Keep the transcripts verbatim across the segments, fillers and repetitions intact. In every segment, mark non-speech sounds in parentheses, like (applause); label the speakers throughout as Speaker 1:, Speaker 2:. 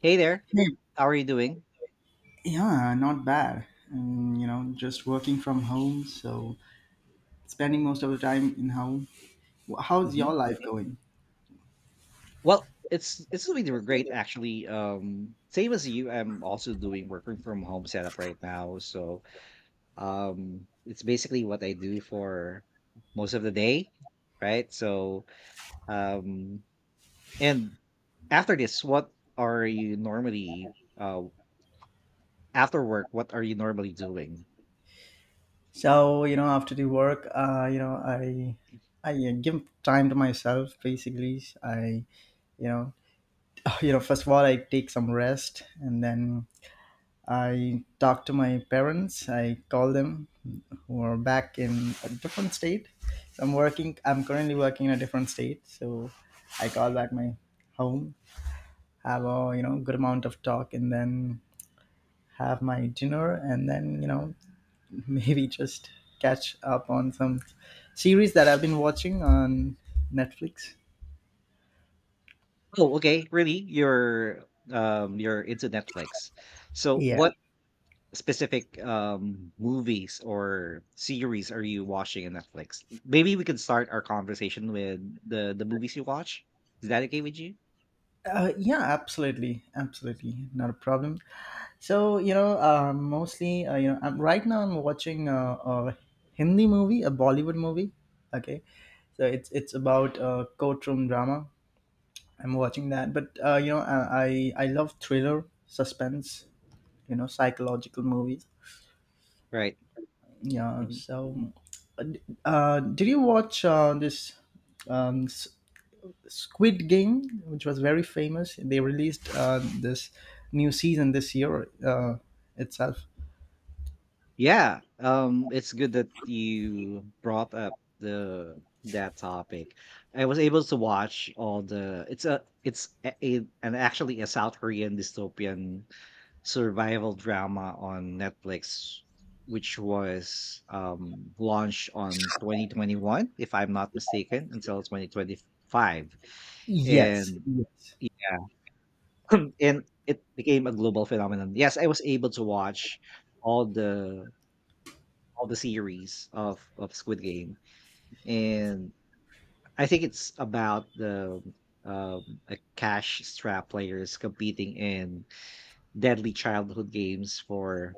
Speaker 1: Hey there.
Speaker 2: Hey,
Speaker 1: How are you doing?
Speaker 2: yeah, not bad. And, you know, just working from home, so spending most of the time in home. Wh- How's
Speaker 1: hmm
Speaker 2: your life going?
Speaker 1: Well, it's it's doing great actually. Um, same as you, I'm also doing working from home setup right now. So um, it's basically what I do for most of the day, right? So um, and after this, what are you normally uh after work? What are you normally doing?
Speaker 2: So, you know, after the work, uh, you know, I I uh, give time to myself basically. I, you know, (laughs) you know, first of all, I take some rest and then I talk to my parents. I call them who are back in a different state. So I'm working, I'm currently working in a different state. So I call back my home, have a you know good amount of talk, and then have my dinner, and then you know (laughs) maybe just catch up on some series that I've been watching on Netflix.
Speaker 1: Oh, okay, really? You're um you're into Netflix. So
Speaker 2: Yeah.
Speaker 1: what specific, um, movies or series are you watching on Netflix? Maybe we can start our conversation with the the movies you watch. Is that okay with you?
Speaker 2: Uh, yeah, absolutely, absolutely, not a problem. So you know, uh, mostly uh, you know, I'm, right now I'm watching a, a Hindi movie, a Bollywood movie. Okay, so it's it's about a courtroom drama. I'm watching that, but uh, you know, I I I love thriller, suspense, you know, psychological movies,
Speaker 1: Right.
Speaker 2: yeah.
Speaker 1: Mhm.
Speaker 2: So uh, uh, did you watch uh, this um, S- Squid Game, which was very famous? They released uh, this new season this year uh, itself.
Speaker 1: Yeah. Um, it's good that you brought up the that topic. I was able to watch all the. It's a. It's a, a- an actually a South Korean dystopian survival drama on Netflix, which was um, launched on twenty twenty-one, if I'm not mistaken, until twenty twenty-five,
Speaker 2: Yes,
Speaker 1: and
Speaker 2: yes,
Speaker 1: yeah, (clears throat) and it became a global phenomenon. Yes, I was able to watch all the all the series of of Squid Game, and I think it's about the um, a cash strap players competing in deadly childhood games for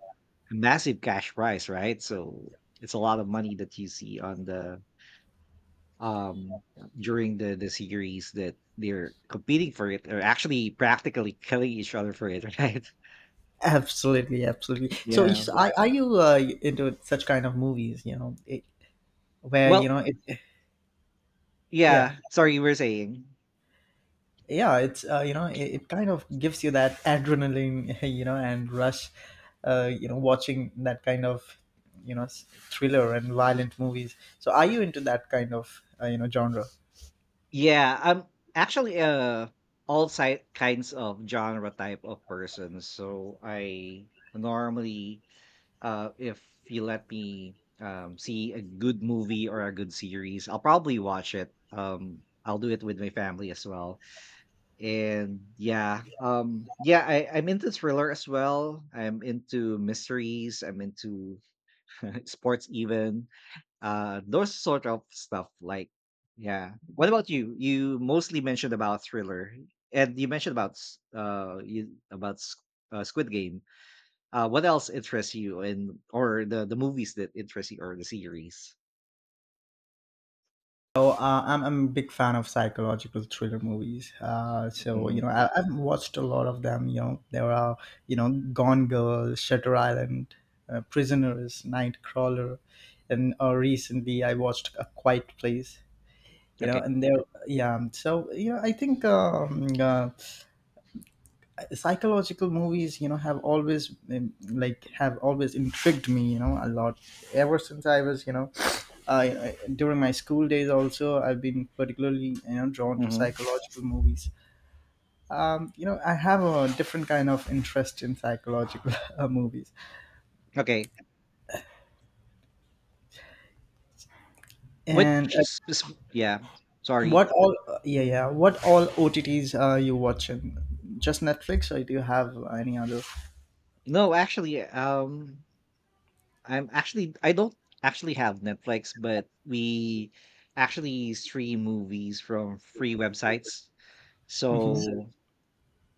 Speaker 1: a massive cash prize, right? So it's a lot of money that you see on the um during the the series that they're competing for it or actually practically killing each other for it, (laughs) right?
Speaker 2: absolutely, absolutely. So
Speaker 1: Yeah.
Speaker 2: is, are, are you uh, into such kind of movies, you know it, where you
Speaker 1: Well,
Speaker 2: know it yeah,
Speaker 1: yeah. Sorry, you were saying.
Speaker 2: yeah. It's uh, you know, it, it kind of gives you that adrenaline (laughs) you know and rush, uh, you know, watching that kind of, you know, s- thriller and violent movies. So are you into that kind of uh, you know genre?
Speaker 1: Yeah, I'm actually uh all side kinds of genre type of person. So I normally Uh, if you let me um, see a good movie or a good series, I'll probably watch it. Um, I'll do it with my family as well. And yeah, um, yeah, I, I'm into thriller as well. I'm into mysteries. I'm into (laughs) sports, even uh, those sort of stuff. Like, yeah. What about you? You mostly mentioned about thriller, and you mentioned about s- uh, you about s- uh, Squid Game, uh, what else interests you and or the the movies that interest you or the series?
Speaker 2: So uh, I'm, I'm a big fan of psychological thriller movies, uh, so
Speaker 1: Hmm.
Speaker 2: you know I, I've watched a lot of them. You know, there are, you know, Gone Girl, Shutter Island, uh, Prisoners, Nightcrawler, and uh, recently I watched A Quiet Place, you
Speaker 1: Okay.
Speaker 2: know, and they're, yeah. So you know I think um, uh, psychological movies, you know, have always um, like have always intrigued me, you know, a lot. Ever since I was, you know, I, I during my school days also, I've been particularly, you know, drawn to
Speaker 1: Hmm.
Speaker 2: psychological movies. Um, you know, I have a different kind of interest in psychological (laughs) uh, movies.
Speaker 1: Okay. Which
Speaker 2: And uh,
Speaker 1: spec- yeah, sorry.
Speaker 2: what all yeah, yeah, what all O T Ts are you watching? Just Netflix, or do you have any other?
Speaker 1: No, actually, um, I'm actually I don't actually have Netflix, but we actually stream movies from free websites.
Speaker 2: Hmm.
Speaker 1: So,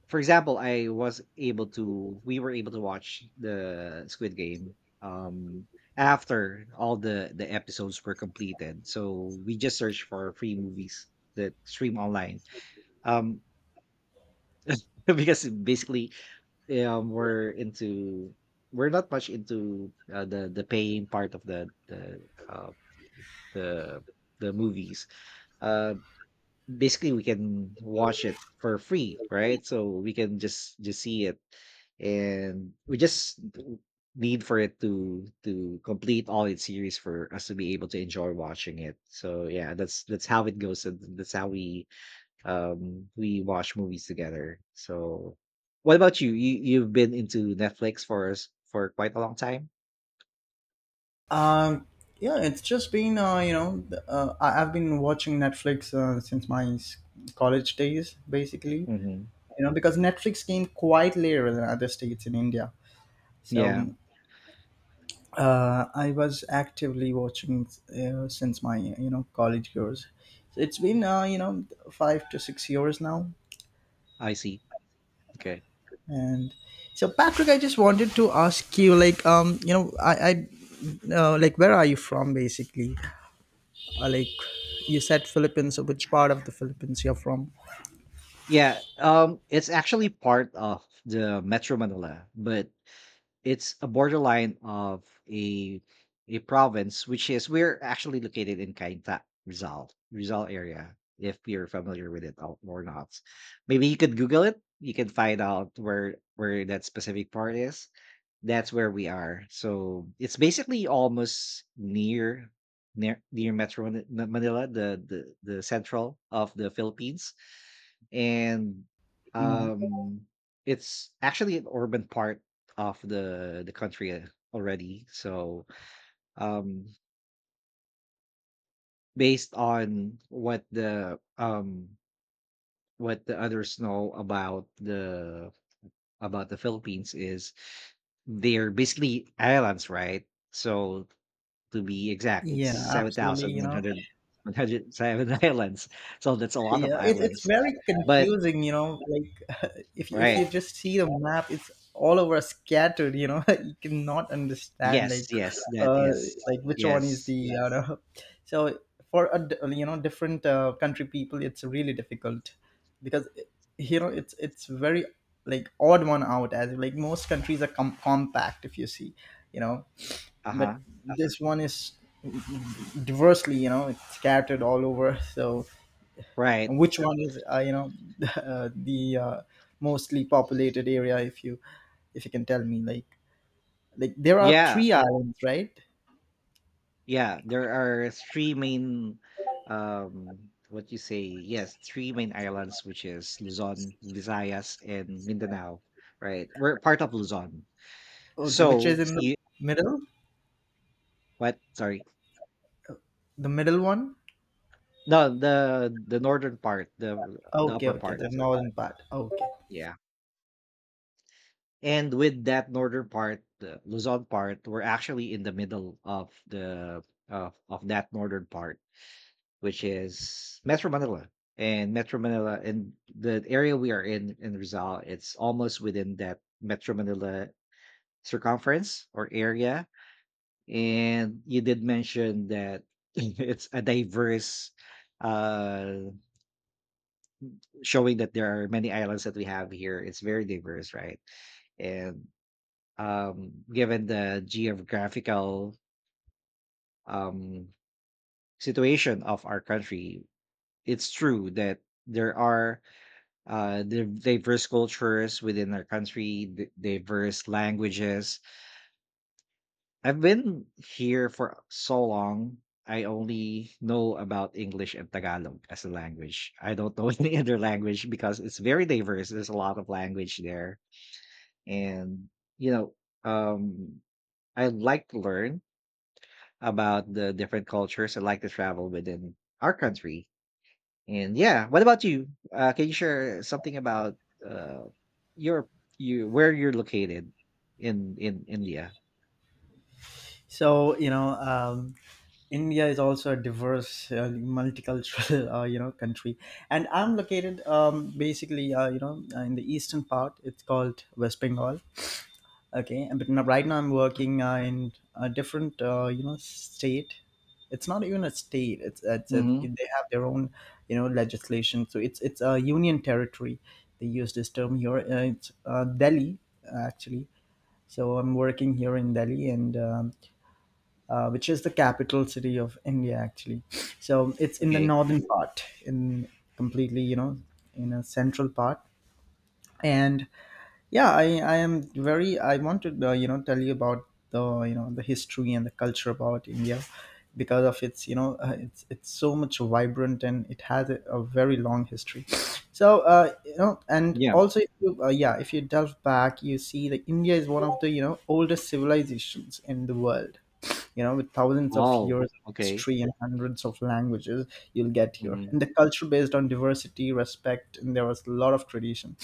Speaker 1: For example, I was able to we were able to watch the Squid Game um after all the the episodes were completed. So we just searched for free movies that stream online. Um (laughs) because basically um we're into we're not much into uh, the the paying part of the the uh the the movies. Uh Basically, we can watch it for free, right? So we can just just see it, and we just need for it to to complete all its series for us to be able to enjoy watching it. So yeah, that's that's how it goes, and that's how we um we watch movies together. So what about you? You you've been into Netflix for us for quite a long time?
Speaker 2: Um, yeah, it's just been uh, you know, uh, I- I've been watching Netflix uh, since my s- college days, basically.
Speaker 1: Hmm.
Speaker 2: You know, because Netflix came quite later than other states in India, so
Speaker 1: Yeah,
Speaker 2: uh, I was actively watching uh, since my you know college years. So it's been uh, you know five to six years now,
Speaker 1: I see. Okay.
Speaker 2: and so Patrick, I just wanted to ask you, like, um, you know, I, I uh, like, where are you from, basically? Uh, like you said, Philippines. So which part of the Philippines you're from?
Speaker 1: Yeah, um, it's actually part of the Metro Manila, but it's a borderline of a a province, which is we're actually located in Cainta, Rizal, Rizal area. If you're familiar with it or or not, maybe you could Google it. You can find out where where that specific part is. That's where we are. So it's basically almost near near near Metro Manila, Manila, the the the central of the Philippines, and
Speaker 2: Mm.
Speaker 1: um it's actually an urban part of the the country uh, already. So um based on what the um what the others know about the about the Philippines is, they're basically islands, right? So, to be exact, it's
Speaker 2: Yeah,
Speaker 1: seven
Speaker 2: absolutely.
Speaker 1: thousand
Speaker 2: You
Speaker 1: one
Speaker 2: know,
Speaker 1: hundred one hundred seven (laughs) islands, so that's a lot of
Speaker 2: yeah, it, it's
Speaker 1: islands.
Speaker 2: very
Speaker 1: But
Speaker 2: confusing. You know, like (laughs) if you, if you
Speaker 1: right,
Speaker 2: just see the map, it's all over scattered. You know, (laughs) you cannot understand,
Speaker 1: yes,
Speaker 2: like,
Speaker 1: yes, that
Speaker 2: uh,
Speaker 1: is.
Speaker 2: like which one is the,
Speaker 1: Yes.
Speaker 2: you know. So for a d- you know different uh, country people, it's really difficult because you know it's it's very, like, odd one out, as like most countries are com- compact if you see, you know. But
Speaker 1: Uh-huh.
Speaker 2: this one is diversely, you know, it's scattered all over. So
Speaker 1: Right.
Speaker 2: and which one is, uh, you know, (laughs) the, uh, the uh, mostly populated area, if you, if you can tell me, like like there are
Speaker 1: Yeah.
Speaker 2: three islands, right?
Speaker 1: Yeah. There are three main um what you say, yes, three main islands, which is Luzon, Visayas, and Mindanao. Right. We're part of Luzon.
Speaker 2: Okay, which is
Speaker 1: So
Speaker 2: in the
Speaker 1: you —
Speaker 2: middle,
Speaker 1: what? Sorry.
Speaker 2: the middle one?
Speaker 1: No, the the northern part, the the
Speaker 2: Okay,
Speaker 1: upper
Speaker 2: okay,
Speaker 1: part.
Speaker 2: the northern part, okay.
Speaker 1: Yeah. And with that northern part, the Luzon part, we're actually in the middle of the of, of that northern part, which is Metro Manila. And Metro Manila and the area we are in in Rizal, it's almost within that Metro Manila circumference or area. And you did mention that (laughs) it's a diverse, uh showing that there are many islands that we have here. It's very diverse, right? And um given the geographical um situation of our country, it's true that there are uh, the diverse cultures within our country, the diverse languages. I've been here for so long. I only know about English and Tagalog as a language. I don't know (laughs) any other language because it's very diverse. There's a lot of language there. And, you know, um, I like to learn about the different cultures. I like to travel within our country. And yeah, what about you? Uh, can you share something about uh, your you where you're located in in India?
Speaker 2: So you know, um, India is also a diverse, uh, multicultural, (laughs) uh, you know, country. And I'm located um, basically, uh, you know, uh, in the eastern part. It's called West Bengal. Okay, and but now, right now I'm working uh, in a different, uh, you know, state. It's not even a state. It's it's a,
Speaker 1: Mm-hmm.
Speaker 2: they have their own, you know, legislation. So it's it's a union territory. They use this term here. Uh, it's uh, Delhi, actually. So I'm working here in Delhi. And. Um, uh, which is the capital city of India, actually. So it's in the
Speaker 1: Okay.
Speaker 2: northern part, in completely, you know, in a central part. And yeah, I, I am very, I want to, uh, you know, tell you about the, you know, the history and the culture about India, because of its, you know, uh, it's, it's so much vibrant, and it has a, a very long history. So, uh, you know, and
Speaker 1: Yeah.
Speaker 2: also, if you, uh, yeah, if you delve back, you see that India is one of the, you know, oldest civilizations in the world, you know, with thousands of
Speaker 1: Oh.
Speaker 2: years of
Speaker 1: Okay.
Speaker 2: history and hundreds of languages you'll get here,
Speaker 1: Mm-hmm.
Speaker 2: and the culture based on diversity, respect, and there was a lot of tradition.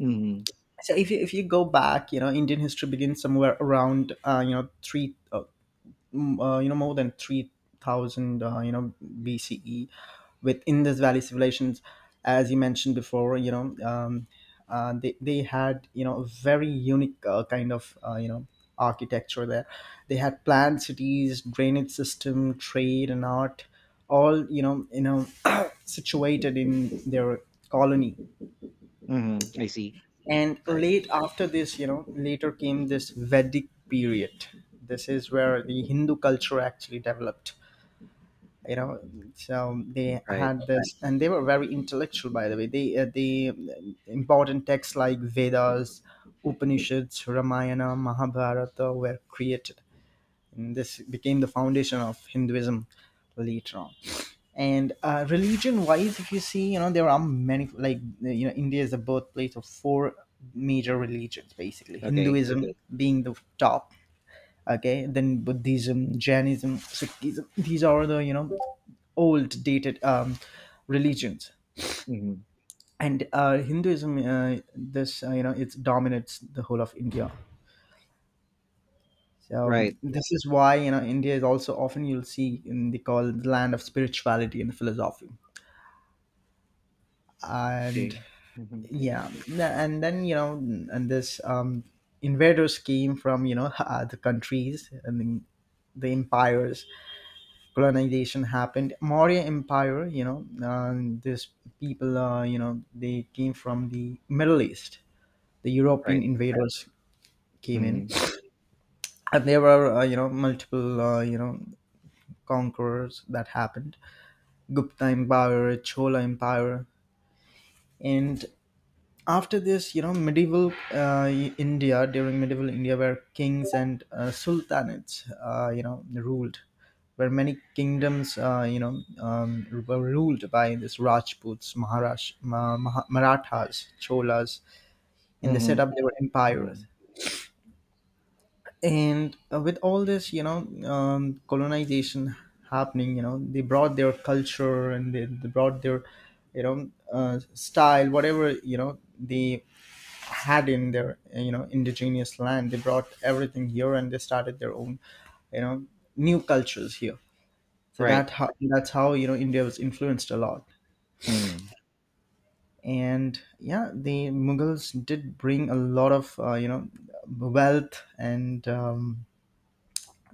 Speaker 1: Mm-hmm.
Speaker 2: So if you, if you go back, you know, Indian history begins somewhere around uh, you know, three uh, m- uh, you know, more than three thousand, uh, you know, B C E, with Indus Valley civilizations. As you mentioned before, you know, um, uh, they, they had, you know, a very unique uh, kind of uh, you know architecture there. They had planned cities, drainage system, trade, and art, all, you know, you know, (coughs) (clears throat) situated in their colony.
Speaker 1: Mm-hmm. I see.
Speaker 2: And
Speaker 1: Right.
Speaker 2: late after this, you know, later came this Vedic period. This is where the Hindu culture actually developed, you know. So they
Speaker 1: Right.
Speaker 2: had this, and they were very intellectual. By the way, they uh, the important texts like Vedas, Upanishads, Ramayana, Mahabharata were created, and this became the foundation of Hinduism later on. And uh, religion wise, if you see, you know, there are many, like, you know, India is the birthplace of four major religions, basically
Speaker 1: Okay.
Speaker 2: Hinduism being the top. Okay, then Buddhism, Jainism, Sikhism, these are the, you know, old dated, um, religions.
Speaker 1: Mm-hmm.
Speaker 2: And uh, Hinduism, uh, this uh, you know, it dominates the whole of India. So um,
Speaker 1: Right.
Speaker 2: this is why, you know, India is also often you'll see in the call it the land of spirituality and philosophy. And
Speaker 1: Okay. Mm-hmm.
Speaker 2: yeah, th- and then, you know, and this um invaders came from, you know, (laughs) uh, the countries, and then the empires, colonization happened. Maurya Empire, you know, uh, this people, uh, you know, they came from the Middle East, the
Speaker 1: Right.
Speaker 2: European invaders came in.
Speaker 1: Mm-hmm.
Speaker 2: And there were uh, you know, multiple uh, you know conquerors that happened. Gupta Empire, Chola Empire. And after this, you know, medieval uh, India, during medieval India where kings and uh, sultanates uh, you know ruled, where many kingdoms uh, you know um, were ruled by this Rajputs, Maharash, Ma- Maha- Marathas, Cholas, and they set
Speaker 1: Mm-hmm.
Speaker 2: up their empires.
Speaker 1: Mm-hmm.
Speaker 2: And uh, with all this, you know, um, colonization happening, you know, they brought their culture and they, they brought their, you know, uh, style, whatever, you know, they had in their, you know, indigenous land, they brought everything here, and they started their own, you know, new cultures here. So
Speaker 1: Right.
Speaker 2: that how, that's how, you know, India was influenced a lot.
Speaker 1: Mm-hmm.
Speaker 2: And yeah, the Mughals did bring a lot of, uh, you know, wealth, and um,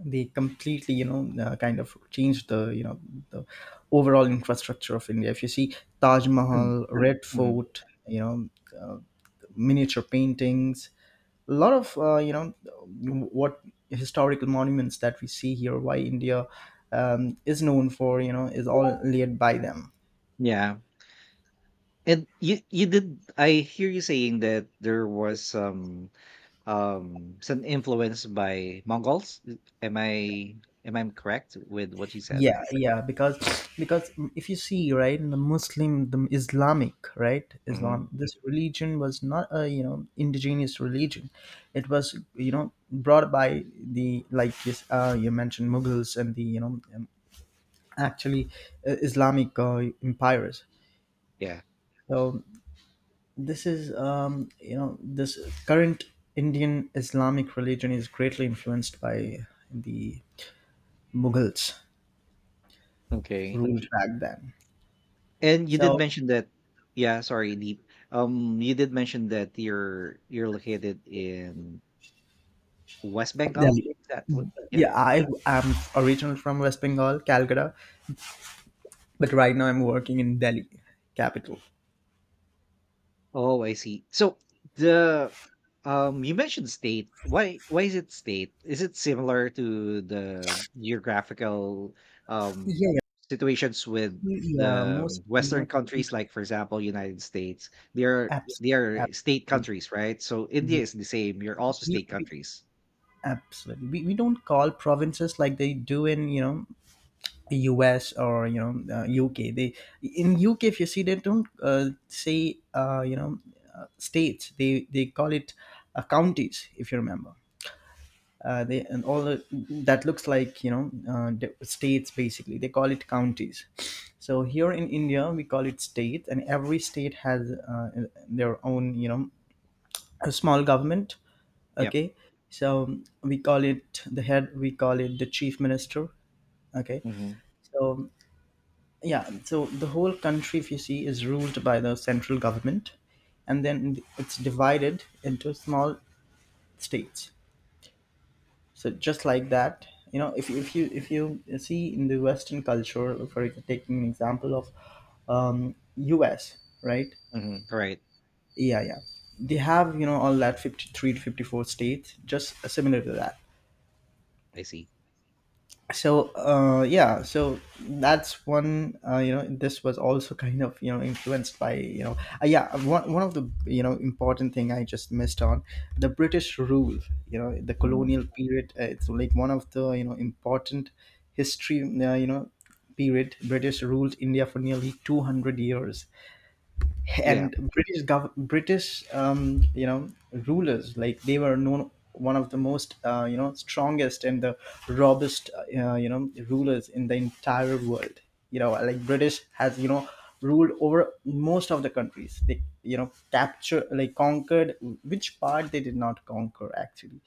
Speaker 2: they completely, you know, uh, kind of changed the, you know, the overall infrastructure of India, if you see. Taj
Speaker 1: Mm-hmm.
Speaker 2: Mahal, Red
Speaker 1: Mm-hmm.
Speaker 2: Fort, you know, uh, miniature paintings, a lot of, uh, you know, what historical monuments that we see here, why India um, is known for, you know, is all laid by them.
Speaker 1: Yeah. And you you did I hear you saying that there was some, Um, so, influenced by Mongols? Is am I am I correct with what you said?
Speaker 2: Yeah, yeah, because because if you see, right, in the Muslim, the Islamic, right, Islam,
Speaker 1: Mhm.
Speaker 2: this religion was not a, you know, indigenous religion. It was, you know, brought by the, like, yes, uh, you mentioned Mughals and the, you know, um, actually, uh, Islamic uh, empires.
Speaker 1: Yeah.
Speaker 2: So this is, um, you know, this current Indian Islamic religion is greatly influenced by the Mughals
Speaker 1: Okay.
Speaker 2: ruled back then.
Speaker 1: And you did
Speaker 2: So
Speaker 1: mention that, yeah, sorry, Deep. Um, you did mention that you're you're located in West
Speaker 2: yeah.
Speaker 1: Bengal? Is that what? Yeah?
Speaker 2: Yeah, I am originally from West Bengal, Calcutta, but right now I'm working in Delhi, capital.
Speaker 1: Oh, I see. So the um you mentioned state. Why why is it state? Is it similar to the geographical um
Speaker 2: Yeah,
Speaker 1: situations with
Speaker 2: yeah, yeah most
Speaker 1: the
Speaker 2: you
Speaker 1: western
Speaker 2: know
Speaker 1: countries, like, for example, United States? They are
Speaker 2: apps,
Speaker 1: they are
Speaker 2: apps
Speaker 1: state
Speaker 2: we,
Speaker 1: countries, right? So India is the same. You're also
Speaker 2: we,
Speaker 1: state
Speaker 2: we-
Speaker 1: countries.
Speaker 2: absolutely, we, we don't call provinces like they do in, you know, U S, or you know, uh, U K. They, in U K, if you see, they don't uh, say, uh, you know, uh, states. They they call it uh, counties, if you remember. Uh, they, and all the, that looks like, you know, uh, the states, basically. They call it counties. So here in India we call it state, and every state has uh, their own you know a small government.
Speaker 1: Yep.
Speaker 2: Okay. So we call it the head, we call it the chief minister. Okay.
Speaker 1: Hmm,
Speaker 2: So yeah, so the whole country, if you see, is ruled by the central government, and then it's divided into small states. So just like that, you know if, if you if you see in the western culture, for taking an example of um, us, right?
Speaker 1: hmm. Right.
Speaker 2: Yeah, yeah, they have, you know all that fifty-three to fifty-four states, just similar to that.
Speaker 1: I see.
Speaker 2: So uh, yeah, so that's one, uh, you know this was also (laughs) kind of, you know influenced by, you know uh, yeah. One, one of the you know important thing I just missed on: the British rule. You know the
Speaker 1: Hmm.
Speaker 2: colonial period, uh, it's like one of the you know important history, uh, you know period. British ruled India for nearly two hundred years.
Speaker 1: Yeah.
Speaker 2: And British gov- British, um, you know rulers, like they were known one of the most, uh, you know strongest and the robust, uh, uh, you know rulers in the entire world. You know like British has, you know ruled over most of the countries, they, you know capture, like, conquered. Which part they did not conquer, actually,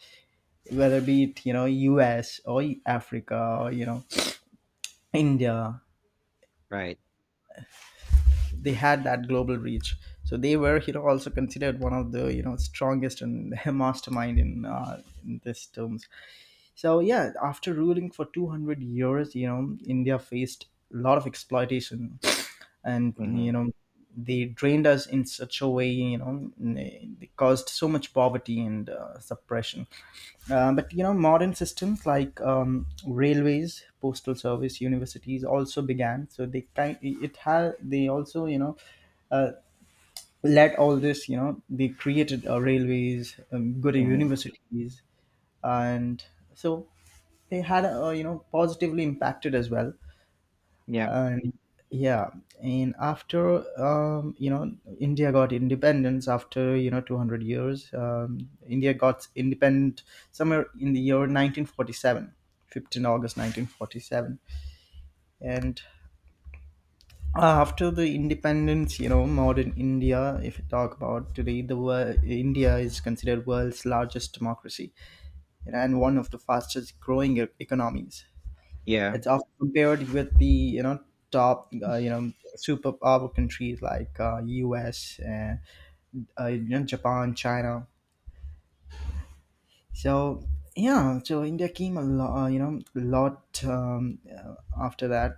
Speaker 2: whether be it you know U S or Africa or you know India.
Speaker 1: Right.
Speaker 2: They
Speaker 1: Hmm,
Speaker 2: had that global reach. So they were, you know also considered one of the, you know strongest and (laughs) mastermind in, uh, in this terms. So yeah, after ruling for two hundred years, you know, India faced a lot of exploitation. And you
Speaker 1: hmm.
Speaker 2: know they drained us in such a way, you know they caused so much poverty and uh, suppression. Uh, but, you know modern systems like um, railways, postal service, universities also began. So they kind it had, they also, you know uh, let all this, you know be created: uh, railways, um, good
Speaker 1: Mm-hmm.
Speaker 2: universities. And so they had, uh, you know positively impacted as well.
Speaker 1: Yeah.
Speaker 2: And yeah, and after, um, you know India got independence after, you know two hundred years. Um, india got independent somewhere in the year nineteen forty-seven, fifteenth August nineteen forty-seven. And uh, after the independence, you know modern India, if you talk about today, the world India is considered world's largest democracy, you know, and one of the fastest growing e- economies.
Speaker 1: Yeah.
Speaker 2: It's often compared with the, you know top, uh, you know superpower countries like uh, us and, uh, you know, Japan, China. So yeah, so India came a lot, uh, you know, lot, um, uh, after that.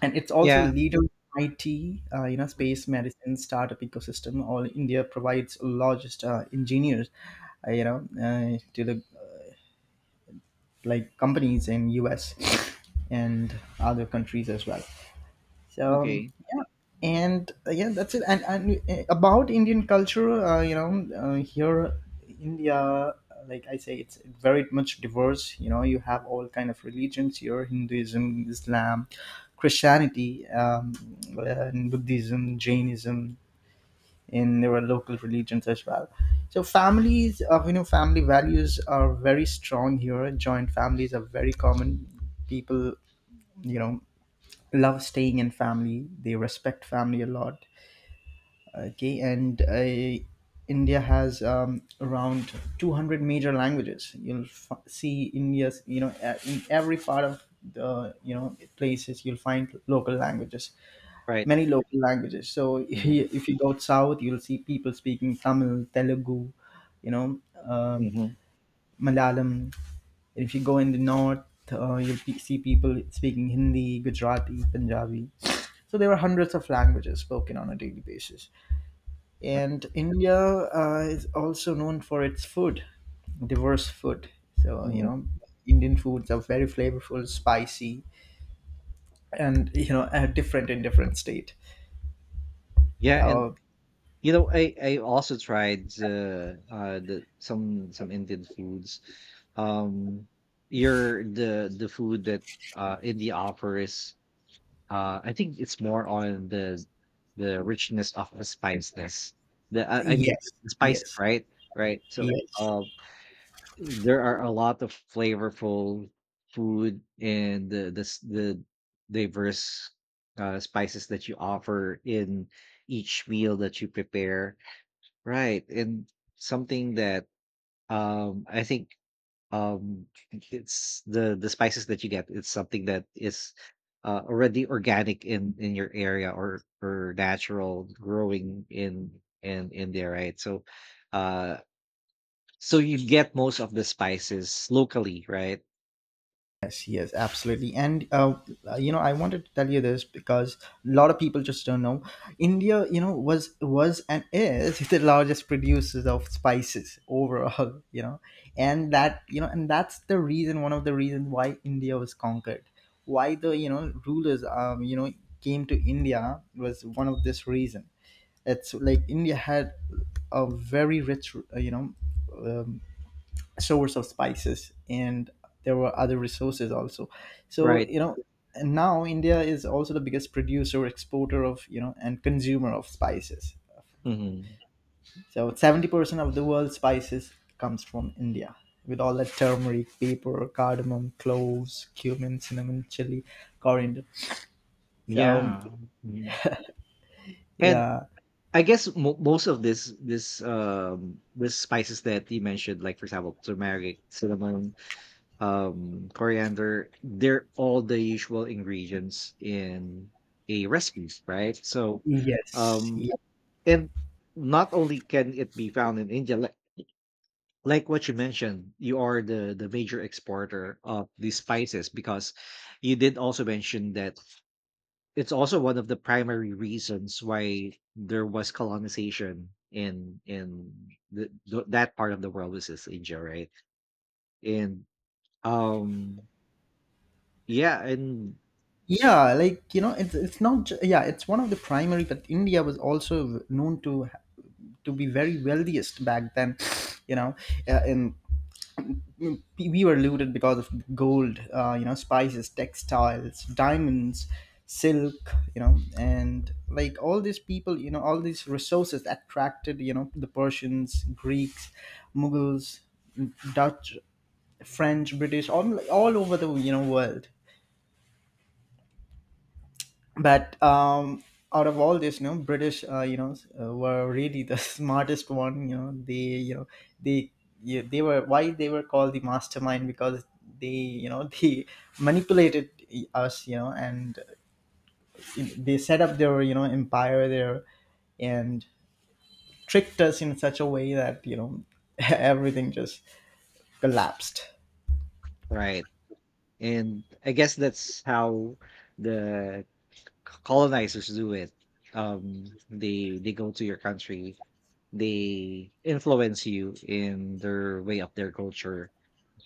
Speaker 2: And it's also a
Speaker 1: Yeah.
Speaker 2: leader in I T, uh, you know, space, medicine, startup ecosystem. All India provides largest uh, engineers, uh, you know, uh, to the, like, companies in U S and other countries as well. So um,
Speaker 1: Okay.
Speaker 2: yeah, and uh, yeah, that's it. And and uh, about Indian culture, uh, you know, uh, here India, uh, like I say, it's very much diverse. You know, you have all kind of religions here: Hinduism, Islam, Christianity, um, and Buddhism, Jainism, and there are local religions as well. So families, uh, you know, family values are very strong here. Joint families are very common. People, you know, love staying in family, they respect family a lot. Okay. And uh, India has, um, around two hundred major languages. You'll f- see India's, you know a- in every part of the, you know places you'll find local languages,
Speaker 1: Right.
Speaker 2: many local languages. So (laughs) if
Speaker 1: Mm-hmm.
Speaker 2: you if you go south, you'll see people speaking Tamil, Telugu, you know um
Speaker 1: Mm-hmm.
Speaker 2: Malayalam. If you go in the north, uh, you'll pe- see people speaking Hindi, Gujarati, Punjabi. So there were hundreds of languages spoken on a daily basis. And India uh, is also known for its food, diverse food. So, you
Speaker 1: Mm.
Speaker 2: know, Indian foods are very flavorful, spicy, and, you know, uh, different in different state.
Speaker 1: Yeah, and
Speaker 2: So,
Speaker 1: you know, I I also tried the uh the some some Indian foods. Um, your the the food that uh India offers. Uh, I think it's more on the the richness of the spiciness. The I, I mean,
Speaker 2: yes,
Speaker 1: the spices,
Speaker 2: yes,
Speaker 1: right? Right. So,
Speaker 2: yes.
Speaker 1: um, there are a lot of flavorful food and the the s the diverse, uh, spices that you offer in each meal that you prepare. Right, and something that, um, I think, um, it's the the spices that you get, it's something that is, uh, already organic in in your area, or or natural growing in in in there, right? So, uh so you get most of the spices locally, right?
Speaker 2: Yes, yes, absolutely. And uh, you know, I wanted to tell you this because a lot of people just don't know. India, you know, was was and is (laughs) the largest producers of spices overall. (laughs) You know, and that you know, and that's the reason, one of the reasons why India was conquered, why the, you know rulers, um, you know, came to India was one of this reason. It's like India had a very rich, uh, you know, um, source of spices, and there were other resources also. So,
Speaker 1: Right.
Speaker 2: you know and now India is also the biggest producer, exporter of, you know and consumer of spices.
Speaker 1: Hmm.
Speaker 2: So seventy percent of the world's spices comes from India, with all that turmeric, pepper, cardamom, cloves, cumin, cinnamon, chili, coriander. So
Speaker 1: Yeah. Mm. And
Speaker 2: yeah.
Speaker 1: I guess mo- most of this this um this spices that you mentioned, like, for example, turmeric, cinnamon, um, coriander, they're all the usual ingredients in a recipes, right? So,
Speaker 2: Yes,
Speaker 1: um,
Speaker 2: yeah.
Speaker 1: and not only can it be found in India, like like what you mentioned, you are the the major exporter of these spices because you did also mention that it's also one of the primary reasons why there was colonization in in the, th- that part of the world, which is India, right? And um, yeah, and
Speaker 2: Yeah, like you know it's it's not ju- yeah, it's one of the primary, but India was also known to ha- to be very wealthiest back then. you know uh, and we were looted because of gold, uh, you know spices, textiles, diamonds, silk, you know and like all these people, you know all these resources attracted, you know the Persians, Greeks, Mughals, Dutch, French, British, all, all over the, you know world. But um out of all this, you know British, uh, you know s- uh, were really the (laughs) smartest one, you know they, you know they, yeah, they were, why they were called the mastermind, because they, you know (laughs) they manipulated us, you know and they set up their, you know empire there, and tricked us in such a way that, you know (laughs) everything just collapsed.
Speaker 1: right, and I guess that's how the c- colonizers do it. um they they go to your country, they influence you in their way of their culture,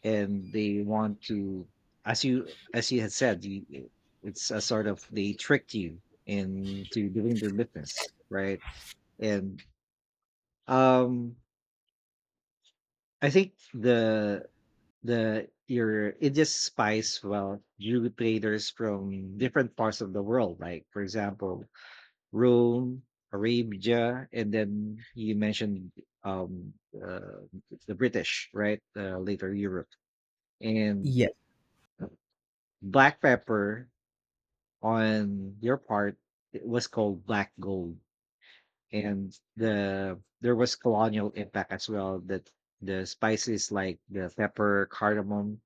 Speaker 1: and they want to — as you as you had said, you, it's a sort of they tricked you into doing their business, right? And um I think the the your Indian spies well drew traders from different parts of the world, like, for example, Rome, Arabia, and then you mentioned um, uh, the British, right? Uh, later Europe, and
Speaker 2: Yes,
Speaker 1: black pepper on your part, it was called black gold, and the there was colonial impact as well, that the spices like the pepper, cardamom,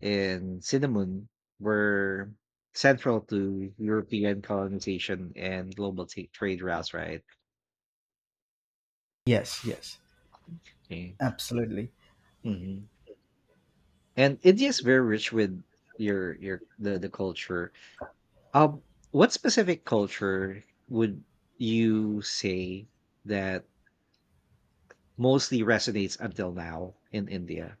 Speaker 1: and cinnamon were central to European colonization and global t- trade routes, right?
Speaker 2: yes, yes,
Speaker 1: Okay.
Speaker 2: absolutely.
Speaker 1: Mm-hmm. And India is very rich with your your the the culture. Um, what specific culture would you say that mostly resonates until now in India?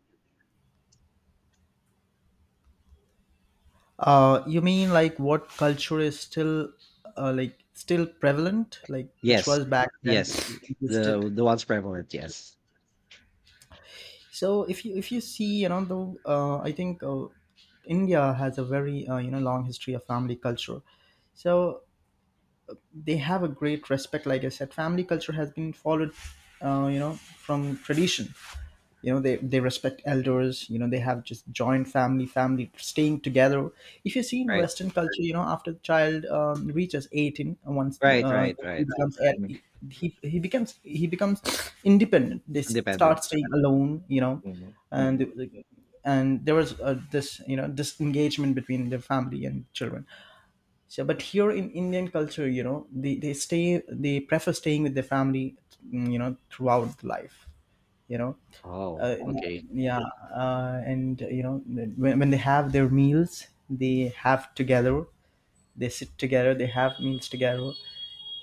Speaker 2: Uh, you mean, like, what culture is still, uh, like still prevalent, like which
Speaker 1: Yes,
Speaker 2: was back then
Speaker 1: yes,
Speaker 2: existed.
Speaker 1: the the ones prevalent. Yes,
Speaker 2: So if you if you see, you know, though, uh, I think, uh, India has a very, uh, you know long history of family culture. So they have a great respect. Like I said, family culture has been followed, uh, you know, from tradition. you know they, they respect elders, you know they have just joint family, family staying together. If you see in
Speaker 1: right,
Speaker 2: western culture, you know after the child um, reaches eighteen and once,
Speaker 1: right,
Speaker 2: uh,
Speaker 1: right,
Speaker 2: he
Speaker 1: right.
Speaker 2: becomes
Speaker 1: Mhm.
Speaker 2: he, he becomes he becomes independent, they
Speaker 1: Independent.
Speaker 2: start staying alone. you know
Speaker 1: Hmm, hmm.
Speaker 2: and and there was, uh, this, you know disengagement between the family and children. So but here in Indian culture, you know they, they stay they prefer staying with their family. Mm, you know throughout life, you know
Speaker 1: Oh,
Speaker 2: uh,
Speaker 1: okay.
Speaker 2: yeah. Uh, and, you know when, when they have their meals, they have together, they sit together, they have meals together.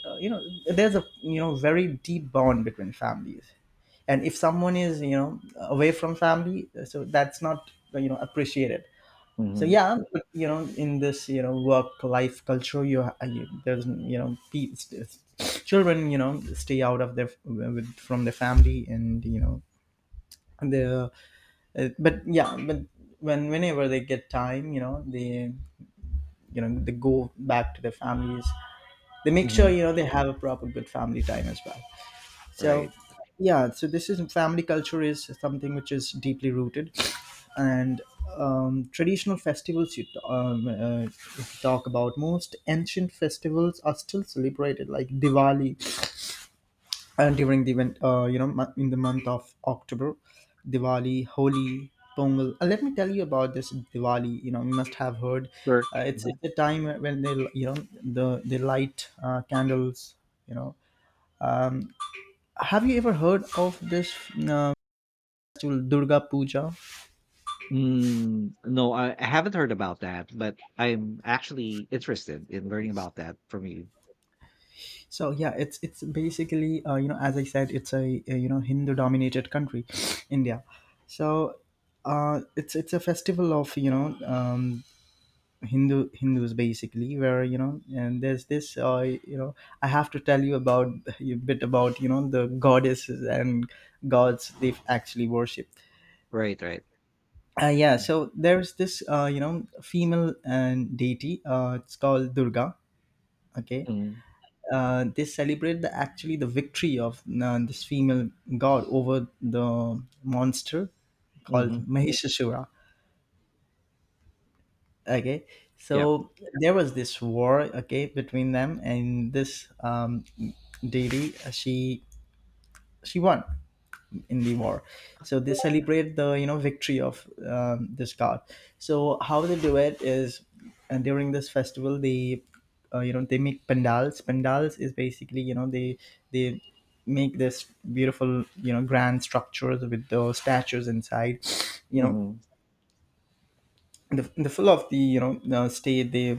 Speaker 2: uh, you know there's a, you know very deep bond between families. And if someone is, you know away from family, uh, so that's not, you know appreciated. So
Speaker 1: Hmm,
Speaker 2: yeah, but, you know in this, you know work life culture, you, ha- you, there's, you know pe- s- children, you know stay out of their with, from their family, and, you know and the, uh, but yeah, but when whenever they get time, you know, they, you know they go back to their families. They make sure,
Speaker 1: hmm.
Speaker 2: you know they have a proper good family time as well. So
Speaker 1: Right.
Speaker 2: yeah, so this is family culture is something which is deeply rooted, and um, traditional festivals, you t- um, uh, if you talk about, most ancient festivals are still celebrated like Diwali, and during the event, uh, you know mo- in the month of October: Diwali, Holi, Pongal. Uh, let me tell you about this Diwali. You know you must have heard.
Speaker 1: Sure.
Speaker 2: uh, it's
Speaker 1: Mm-hmm.
Speaker 2: it's a time when they, you know the they light uh, candles, you know have you ever heard of this uh, festival Durga Puja?
Speaker 1: Mm, no, I, I haven't heard about that, but I'm actually interested in learning about that from you.
Speaker 2: So yeah, it's it's basically, uh, you know as I said, it's a, a you know hindu dominated country, (sniffs) India. So uh, it's it's a festival of, you know um, Hindu Hindus basically, where, you know, and there's this, uh, you know, I have to tell you about a bit about, you know the goddesses and gods they actually worship.
Speaker 1: Right, right.
Speaker 2: Uh, yeah, so there's this, uh, you know, female and deity. Uh, it's called Durga. Okay,
Speaker 1: Mm,
Speaker 2: uh, they celebrate the, actually, the victory of, uh, this female god over the monster called
Speaker 1: mhm.
Speaker 2: Mahishasura. okay
Speaker 1: Yep.
Speaker 2: so there was this war, okay, between them and this um deity. Uh, she she won in the war, so they celebrate the you know victory of um, this god. So how they do it is, and during this festival they uh, you know they make pandals. Pandals is basically you know they they make this beautiful you know grand structures with those statues inside, you know
Speaker 1: Mhm.
Speaker 2: the, the full of the you know uh, stay, they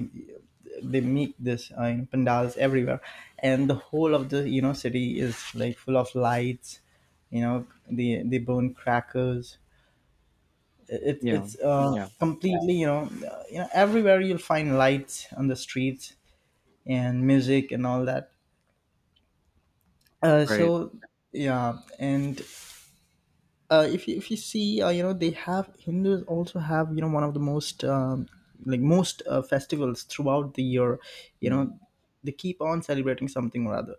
Speaker 2: they make this uh, you know, pandals everywhere, and the whole of the you know city is like full of lights. You know they they burn crackers. it,
Speaker 1: Yeah.
Speaker 2: it's uh,
Speaker 1: Yeah.
Speaker 2: completely, you know uh, you know everywhere you'll find lights on the streets and music and all that. Uh,
Speaker 1: Right.
Speaker 2: so yeah, and uh, if you, if you see, uh, you know they have, hindus also have, you know one of the most, um, like most uh, festivals throughout the year, you
Speaker 1: Mm,
Speaker 2: know they keep on celebrating something or other.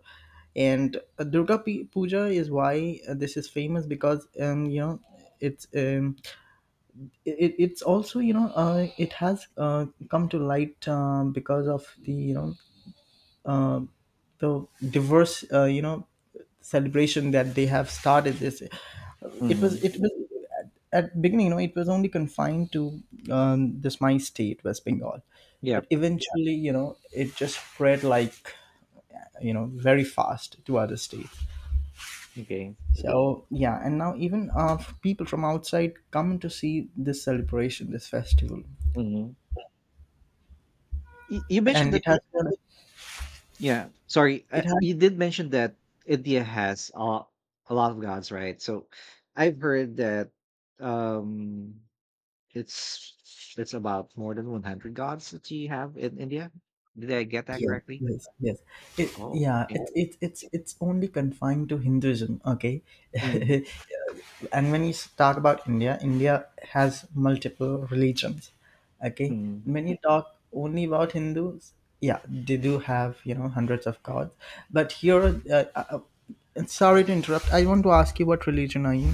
Speaker 2: And uh, durga P- puja is, why uh, this is famous because, um you know, it's um, it, it- it's also, you know, uh, it has uh, come to light, um, because of the, you know, uh, the diverse, uh, you know celebration that they have started this. it was
Speaker 1: mhm.
Speaker 2: it was at, at beginning, you know, it was only confined to, um, this my state, west bengal,
Speaker 1: Yep.
Speaker 2: but eventually, you know, it just spread like, you know, very fast to other states.
Speaker 1: Okay.
Speaker 2: So yeah, and now even uh, people from outside come to see this celebration, this festival,
Speaker 1: Mhm. Y- you mentioned
Speaker 2: and it
Speaker 1: that.
Speaker 2: has
Speaker 1: Yeah. Sorry. Uh,
Speaker 2: it has
Speaker 1: you did mention that India has a, a lot of gods, right? So I've heard that um it's it's about more than one hundred gods that you have in India. Did I get that
Speaker 2: Yes,
Speaker 1: correctly?
Speaker 2: yes, yes. It,
Speaker 1: Oh,
Speaker 2: yeah,
Speaker 1: okay.
Speaker 2: it, it, it's it's only confined to Hinduism, okay?
Speaker 1: Mm,
Speaker 2: (laughs) And when you talk about India, India has multiple religions, okay?
Speaker 1: mm.
Speaker 2: When you talk only about Hindus, yeah, they do have, you know, hundreds of gods. But here, uh, uh, uh, sorry to interrupt. I want to ask you, what religion are you?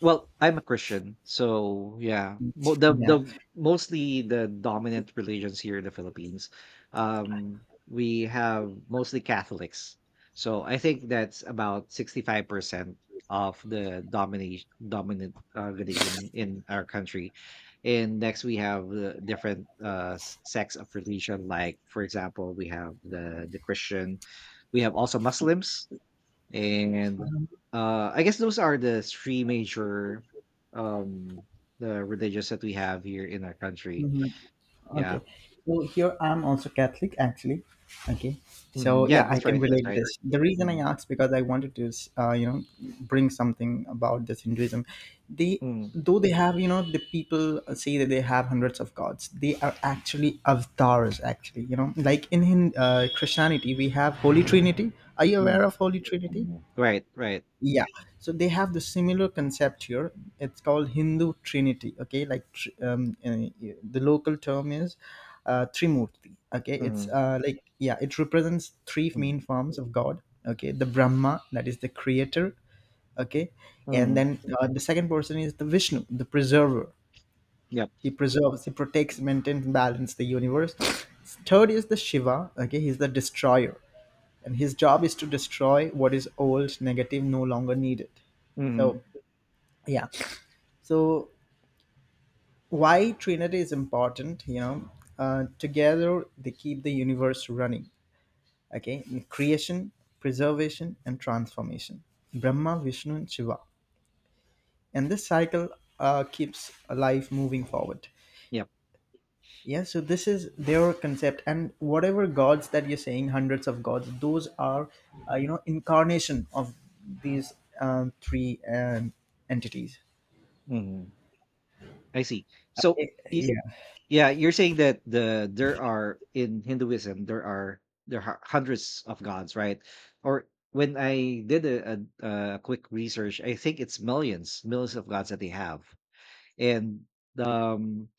Speaker 1: Well, I'm a Christian, so yeah. Mo the
Speaker 2: Yeah.
Speaker 1: the mostly the dominant religions here in the Philippines, um, we have mostly Catholics. So I think that's about sixty-five percent of the domination dominant uh, religion in our country. And next we have uh, different uh, s- sects of religion, like for example, we have the the Christian, we have also Muslims and uh I guess those are the three major um the religions that we have here in our country,
Speaker 2: Mhm.
Speaker 1: yeah.
Speaker 2: Okay. So here I'm also Catholic actually. Okay.
Speaker 1: Mhm.
Speaker 2: So
Speaker 1: Yeah,
Speaker 2: yeah, I
Speaker 1: that's
Speaker 2: can
Speaker 1: right, that's
Speaker 2: relate
Speaker 1: right.
Speaker 2: this. The reason I
Speaker 1: mm
Speaker 2: asked because I wanted to uh, you know, bring something about this Hinduism. They,
Speaker 1: mm
Speaker 2: though they have, you know, the people say that they have hundreds of gods. They are actually avatars. Actually, you know, like in Hin- uh, Christianity we have Holy Trinity. Are you aware
Speaker 1: mm
Speaker 2: of Holy Trinity?
Speaker 1: Mhm. Right, right.
Speaker 2: Yeah, so they have the similar concept here. It's called hindu trinity, okay? Like tr- um, uh, the local term is uh, trimurti. Okay, it's
Speaker 1: mm
Speaker 2: uh, like, yeah, it represents three
Speaker 1: mm
Speaker 2: main forms of god, okay? The brahma, that is the creator, okay, and
Speaker 1: mm
Speaker 2: then uh, the second person is the vishnu, the preserver.
Speaker 1: yep.
Speaker 2: He preserves, he protects, maintains balance the universe. Third is the shiva, okay, he's the destroyer, and his job is to destroy what is old, negative, no longer needed. So
Speaker 1: mm
Speaker 2: yeah, so why trinity is important, you know, uh, together they keep the universe running. Okay, creation, preservation and transformation. Brahma, vishnu and shiva, and this cycle uh, keeps life moving forward.
Speaker 1: yep.
Speaker 2: Yeah, so this is their concept, and whatever gods that you're saying, hundreds of gods, those are uh, you know, incarnation of these um, three um, entities.
Speaker 1: mm I see. So,
Speaker 2: Eh, Yeah.
Speaker 1: yeah, you're saying that the there are in Hinduism there are there are hundreds of gods, right? Or when I did a, a, a quick research, I think it's millions, millions of gods that they have, and um,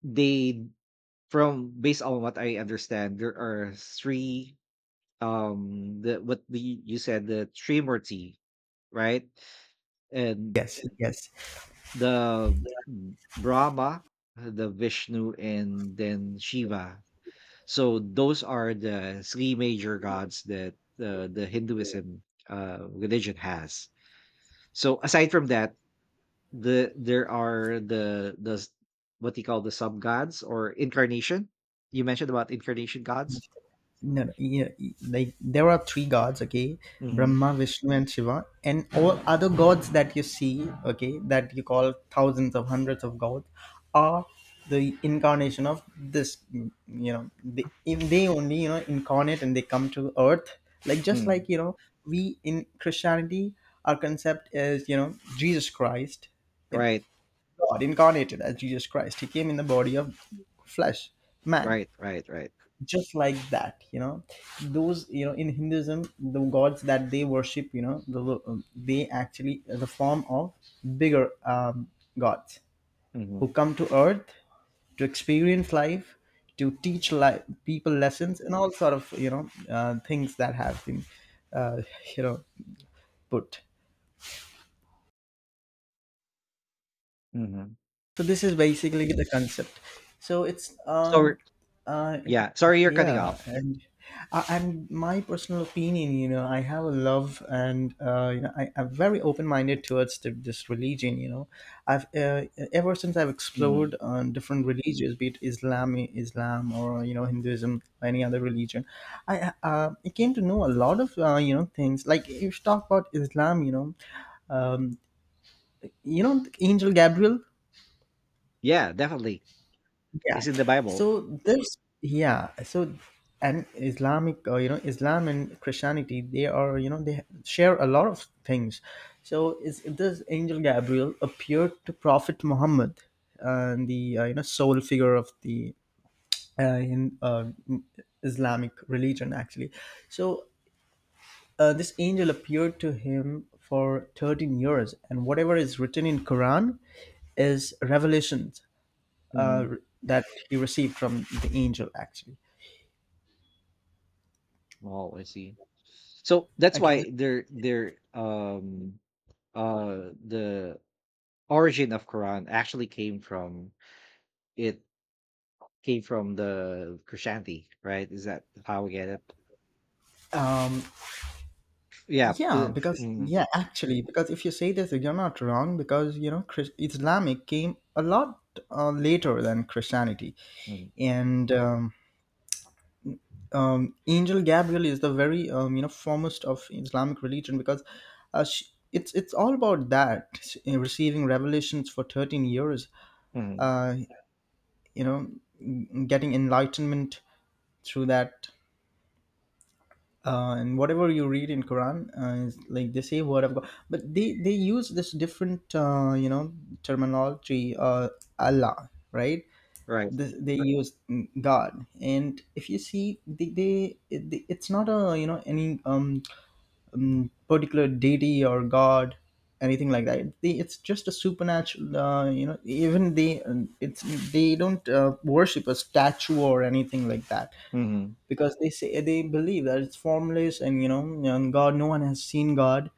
Speaker 1: they, from based on what I understand, there are three um the what the you said the Trimurti, right? And
Speaker 2: Yes. Yes.
Speaker 1: the Brahma, the Vishnu, and then Shiva. So those are the three major gods that uh, the Hinduism uh, religion has. So aside from that, the there are the the s- what do you call the sub gods or incarnation. You mentioned about incarnation gods.
Speaker 2: No, no, yeah, like there are three gods, okay,
Speaker 1: hmm
Speaker 2: Brahma, Vishnu, and Shiva, and all other gods that you see, okay, that you call thousands of hundreds of gods, are the incarnation of this. You know, they, if they only, you know, incarnate and they come to earth, like just
Speaker 1: Mm.
Speaker 2: like, you know, we in Christianity, our concept is, you know, Jesus Christ, in-
Speaker 1: Right?
Speaker 2: God incarnated as Jesus Christ. He came in the body of flesh, man,
Speaker 1: Right, right, right.
Speaker 2: just like that. You know, those, you know, in hinduism the gods that they worship, you know, the, um, they actually the form of bigger um, gods who
Speaker 1: hmm
Speaker 2: come to earth to experience life, to teach life, people lessons and all sort of, you know, uh, things that have been uh, (laughs) you know, put.
Speaker 1: hmm
Speaker 2: So this is basically the concept. So it's
Speaker 1: So
Speaker 2: um uh it,
Speaker 1: yeah, sorry you're cutting
Speaker 2: yeah.
Speaker 1: off.
Speaker 2: And uh, and my personal opinion, you know, I have a love, and uh, you know, I, I'm very open-minded towards the, this religion. You know, I've uh, ever since I've
Speaker 1: hmm
Speaker 2: explored uh, different religions, be it Islam, Islam, or you know, Hinduism, or any other religion, I uh, I came to know a lot of uh, you know, things. Like if you talk about Islam, you know, um, you know, Angel Gabriel.
Speaker 1: Yeah, definitely.
Speaker 2: Yeah,
Speaker 1: It's in the Bible.
Speaker 2: so this yeah so and islamic, uh, you know, islam and christianity, they are, you know, they share a lot of things. So is this angel gabriel, appeared to prophet muhammad, and the uh, you know, sole figure of the uh, in uh, islamic religion actually. So uh, this angel appeared to him for thirteen years, and whatever is written in quran is revelation uh,
Speaker 1: hmm
Speaker 2: that he received from the angel actually.
Speaker 1: Oh, I see. So that's
Speaker 2: Okay.
Speaker 1: why there there um uh the origin of Quran actually came from, it came from the Christianity, right? Is that how we get it?
Speaker 2: Um,
Speaker 1: Yeah. uh,
Speaker 2: yeah, because
Speaker 1: mm,
Speaker 2: yeah, actually, because if you say this, you're not wrong, because you know, Chris, islamic came a lot uh, later than christianity.
Speaker 1: mm,
Speaker 2: And um, um, angel gabriel is the very um, you know, foremost of islamic religion, because uh, she, it's it's all about that she- receiving revelations for thirteen years,
Speaker 1: mhm,
Speaker 2: uh, you know, getting enlightenment through that, uh, and whatever you read in Quran uh, is like, they say word of God, but they they use this different, uh, you know, terminology, uh, Allah, right?
Speaker 1: Right.
Speaker 2: This, they Right. use God, and if you see, they, they, it- it's not a, you know, any um, um particular deity or God, anything like that. They, it's just a supernatural, uh, you know. Even they, um, it's, they don't uh, worship a statue or anything like that,
Speaker 1: hmm
Speaker 2: because they say they believe that it's formless, and you know, and god, no one has seen god.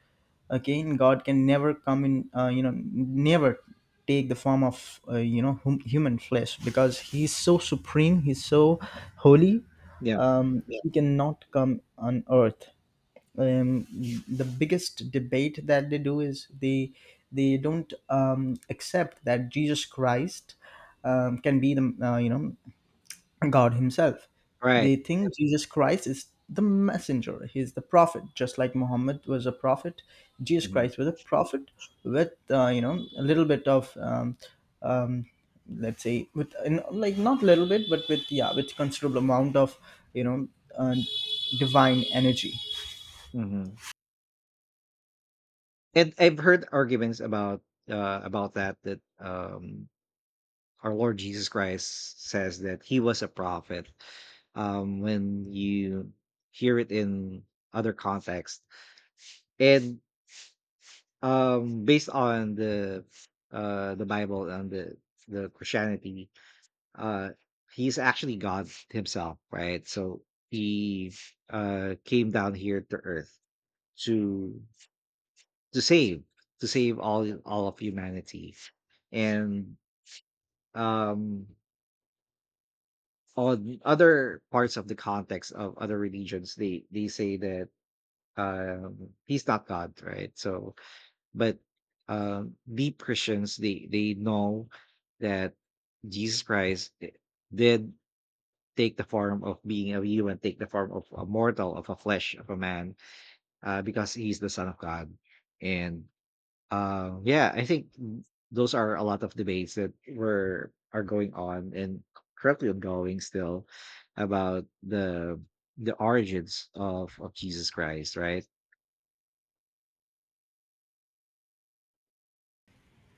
Speaker 2: Again god can never come in, uh, you know, never take the form of uh, you know, hum- human flesh, because he's so supreme, he's so holy.
Speaker 1: Yeah.
Speaker 2: um, Yeah. He cannot come on earth. um, the biggest debate that they do is, they they don't um, accept that jesus christ um, can be the uh, you know, God Himself.
Speaker 1: Right.
Speaker 2: They think Jesus Christ is the messenger, He's the prophet, just like Muhammad was a prophet. Jesus
Speaker 1: hmm
Speaker 2: Christ was a prophet with, uh, you know, a little bit of um, um, let's say, with in, like, not little bit, but with, yeah, with considerable amount of, you know, uh, divine energy.
Speaker 1: hmm And I've heard arguments about uh about that that um our Lord Jesus Christ says that he was a prophet. Um when you hear it in other context. And Um, based on the uh the Bible and the the Christianity, uh he's actually God himself, right? So he uh came down here to earth to to save to save all all of humanity. And um on other parts of the context of other religions, they they say that um he's not God, right? So but um, deep Christians, they they know that Jesus Christ I- did take the form of being a human, take the form of a mortal, of a flesh, of a man, uh, because he's the Son of God. And um, yeah, I think those are a lot of debates that were are going on and currently ongoing still about the the origins of of Jesus Christ, right?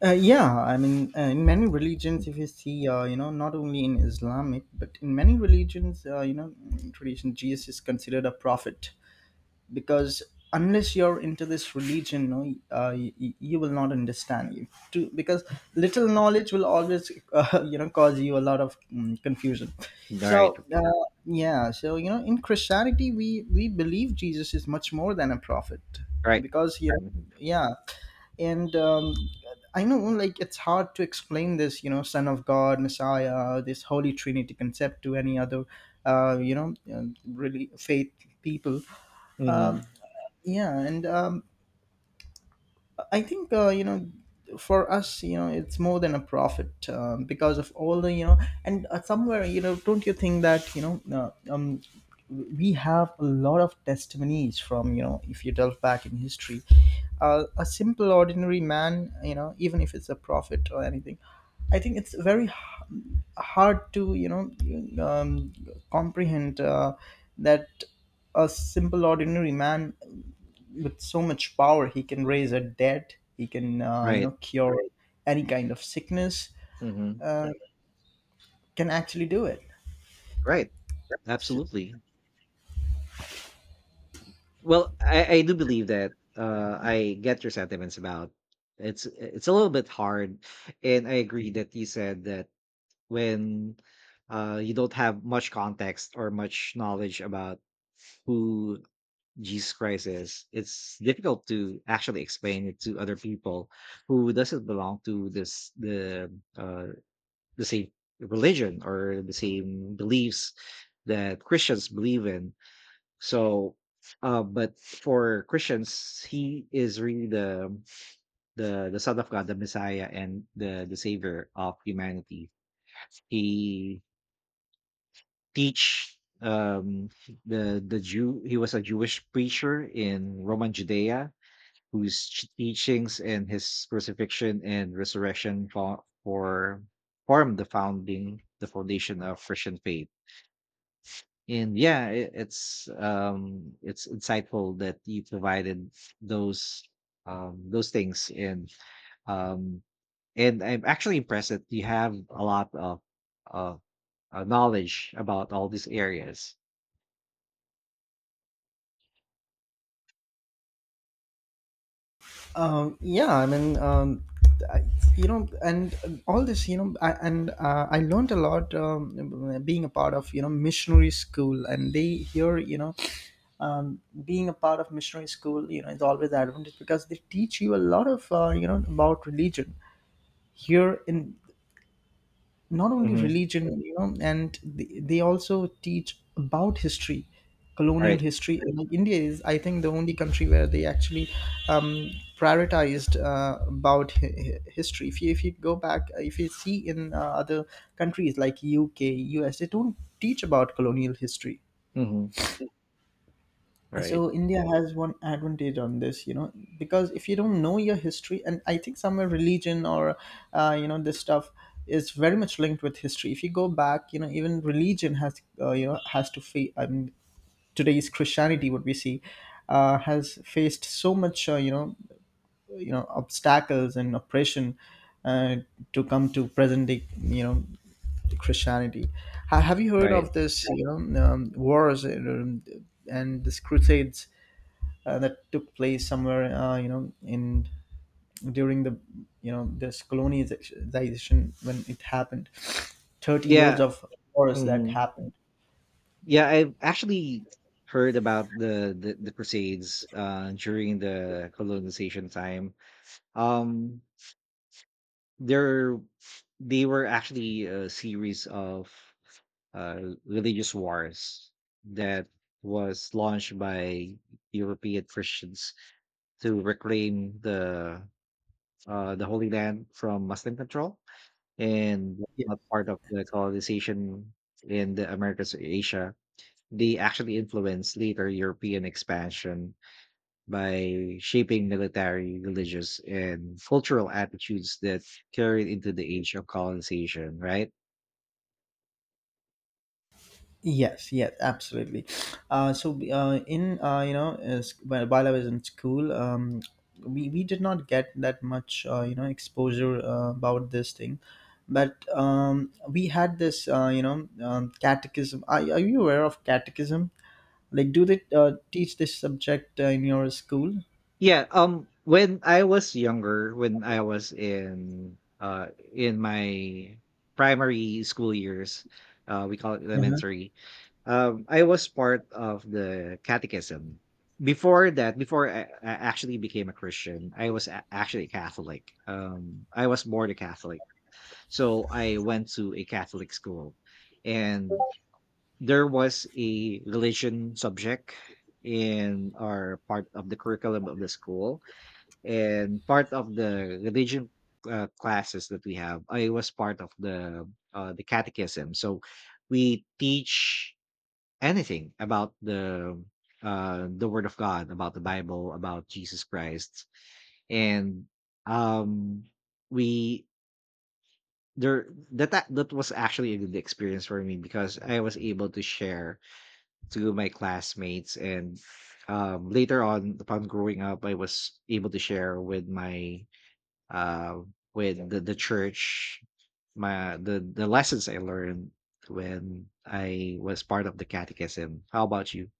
Speaker 2: Uh, yeah, I mean, uh, in many religions, if you see, uh, you know, not only in Islamic, but in many religions, uh, you know, tradition, Jesus is considered a prophet. Because unless you're into this religion, no uh, you, you will not understand, you to because little knowledge will always (laughs) uh, you know, cause you a lot of mm, confusion. So
Speaker 1: Right,
Speaker 2: uh, yeah, so you know, in christianity we we believe jesus is much more than a prophet,
Speaker 1: right.
Speaker 2: because yeah.
Speaker 1: hmm
Speaker 2: yeah and um, I know, like, it's hard to explain this, you know, son of god, messiah, this holy trinity concept, to any other uh, you know, uh, really faith people.
Speaker 1: hmm
Speaker 2: Yeah, and um, I think, uh, you know, for us, you know, it's more than a profit, um, because of all the, you know, and uh, somewhere, you know, don't you think that, you know, uh, um, we have a lot of testimonies from, you know, if you delve back in history, uh, a simple ordinary man, you know, even if it's a prophet or anything, I think it's very h- hard to, you know, um, comprehend uh, that a simple ordinary man with so much power, he can raise a dead, he can, uh, you
Speaker 1: right.
Speaker 2: know, cure any kind of sickness,
Speaker 1: hmm
Speaker 2: can actually do it.
Speaker 1: Right.
Speaker 2: S-
Speaker 1: Absolutely. Well, I, I do believe that uh, I get your sentiments about, it's it's a little bit hard, and I agree that you said that when uh, you don't have much context or much knowledge about who Jesus Christ is, it's difficult to actually explain it to other people who doesn't belong to this the uh, the same religion or the same beliefs that Christians believe in. So, uh, but for Christians, he is really the the the Son of God, the Messiah, and the the Savior of humanity. He teach um the the Jew. He was a Jewish preacher in Roman Judea, whose ch- teachings and his crucifixion and resurrection for, for formed the founding the foundation of Christian faith. And yeah, it, it's um it's insightful that you provided those um those things, and um and I'm actually impressed that you have a lot of uh, uh knowledge about all these areas.
Speaker 2: um, yeah, I mean um, I, you know, and all this, you know, I, and uh, I learned a lot, um, being a part of, you know, missionary school, and they here, you know, um, being a part of missionary school, you know, is always an advantage, because they teach you a lot of, uh, you know, about religion here in, not only
Speaker 1: hmm
Speaker 2: religion, you know, and they, they also teach about history, colonial
Speaker 1: right.
Speaker 2: history. And like india is, I think, the only country where they actually um, prioritized uh, about hi- hi- history. If you if you go back, uh, if you see in, uh, other countries like uk, us, they don't teach about colonial history.
Speaker 1: hmm
Speaker 2: So
Speaker 1: Right.
Speaker 2: india has one advantage on this, you know, because if you don't know your history, and I think somewhere religion or uh, you know, this stuff is very much linked with history. If you go back, you know, even religion has, uh, you know, has to face, I mean, today's christianity what we see uh, has faced so much uh, you know you know, obstacles and oppression uh, to come to present day, you know, Christianity. Ha- Have you heard
Speaker 1: Right.
Speaker 2: of this, you know, um, wars and, um, and this crusades uh, that took place somewhere, uh, you know, in during the, you know, this colonization, when it happened, thirty
Speaker 1: yeah
Speaker 2: years of wars that
Speaker 1: hmm
Speaker 2: happened.
Speaker 1: yeah, I've actually heard about the the, the crusades uh during the colonization time. um There, they were actually a series of uh, religious wars that was launched by European Christians to reclaim the uh, the Holy Land from Muslim control, and
Speaker 2: Ye-
Speaker 1: not part of the colonization in the Americas or Asia. They actually influenced later European expansion by shaping military, religious, and cultural attitudes that carried into the age of colonization, right?
Speaker 2: yes, yes, absolutely. Uh, so uh, in uh, you know, is, while while I was in school, um, we, we did not get that much uh, you know, exposure, uh, about this thing, but um, we had this, uh, you know, um, catechism. are, are you aware of catechism? Like, do they uh, teach this subject uh, in your school?
Speaker 1: Yeah, um when I was younger, when I was in uh in my primary school years, uh we call it
Speaker 2: Uh-huh.
Speaker 1: elementary. Um I was part of the catechism. Before that, before I, I actually became a Christian, I was a- actually Catholic. Um I was born a Catholic. So I went to a Catholic school and there was a religion subject in our part of the curriculum of the school, and part of the religion uh, classes that we have, I was part of the uh, the catechism. So we teach anything about the uh, the word of God, about the Bible, about Jesus Christ. And um we there that a- that was actually a good experience for me because I was able to share to my classmates, and um later on, upon growing up, I was able to share with my uh with the, the church my the the lessons I learned when I was part of the catechism. How about you?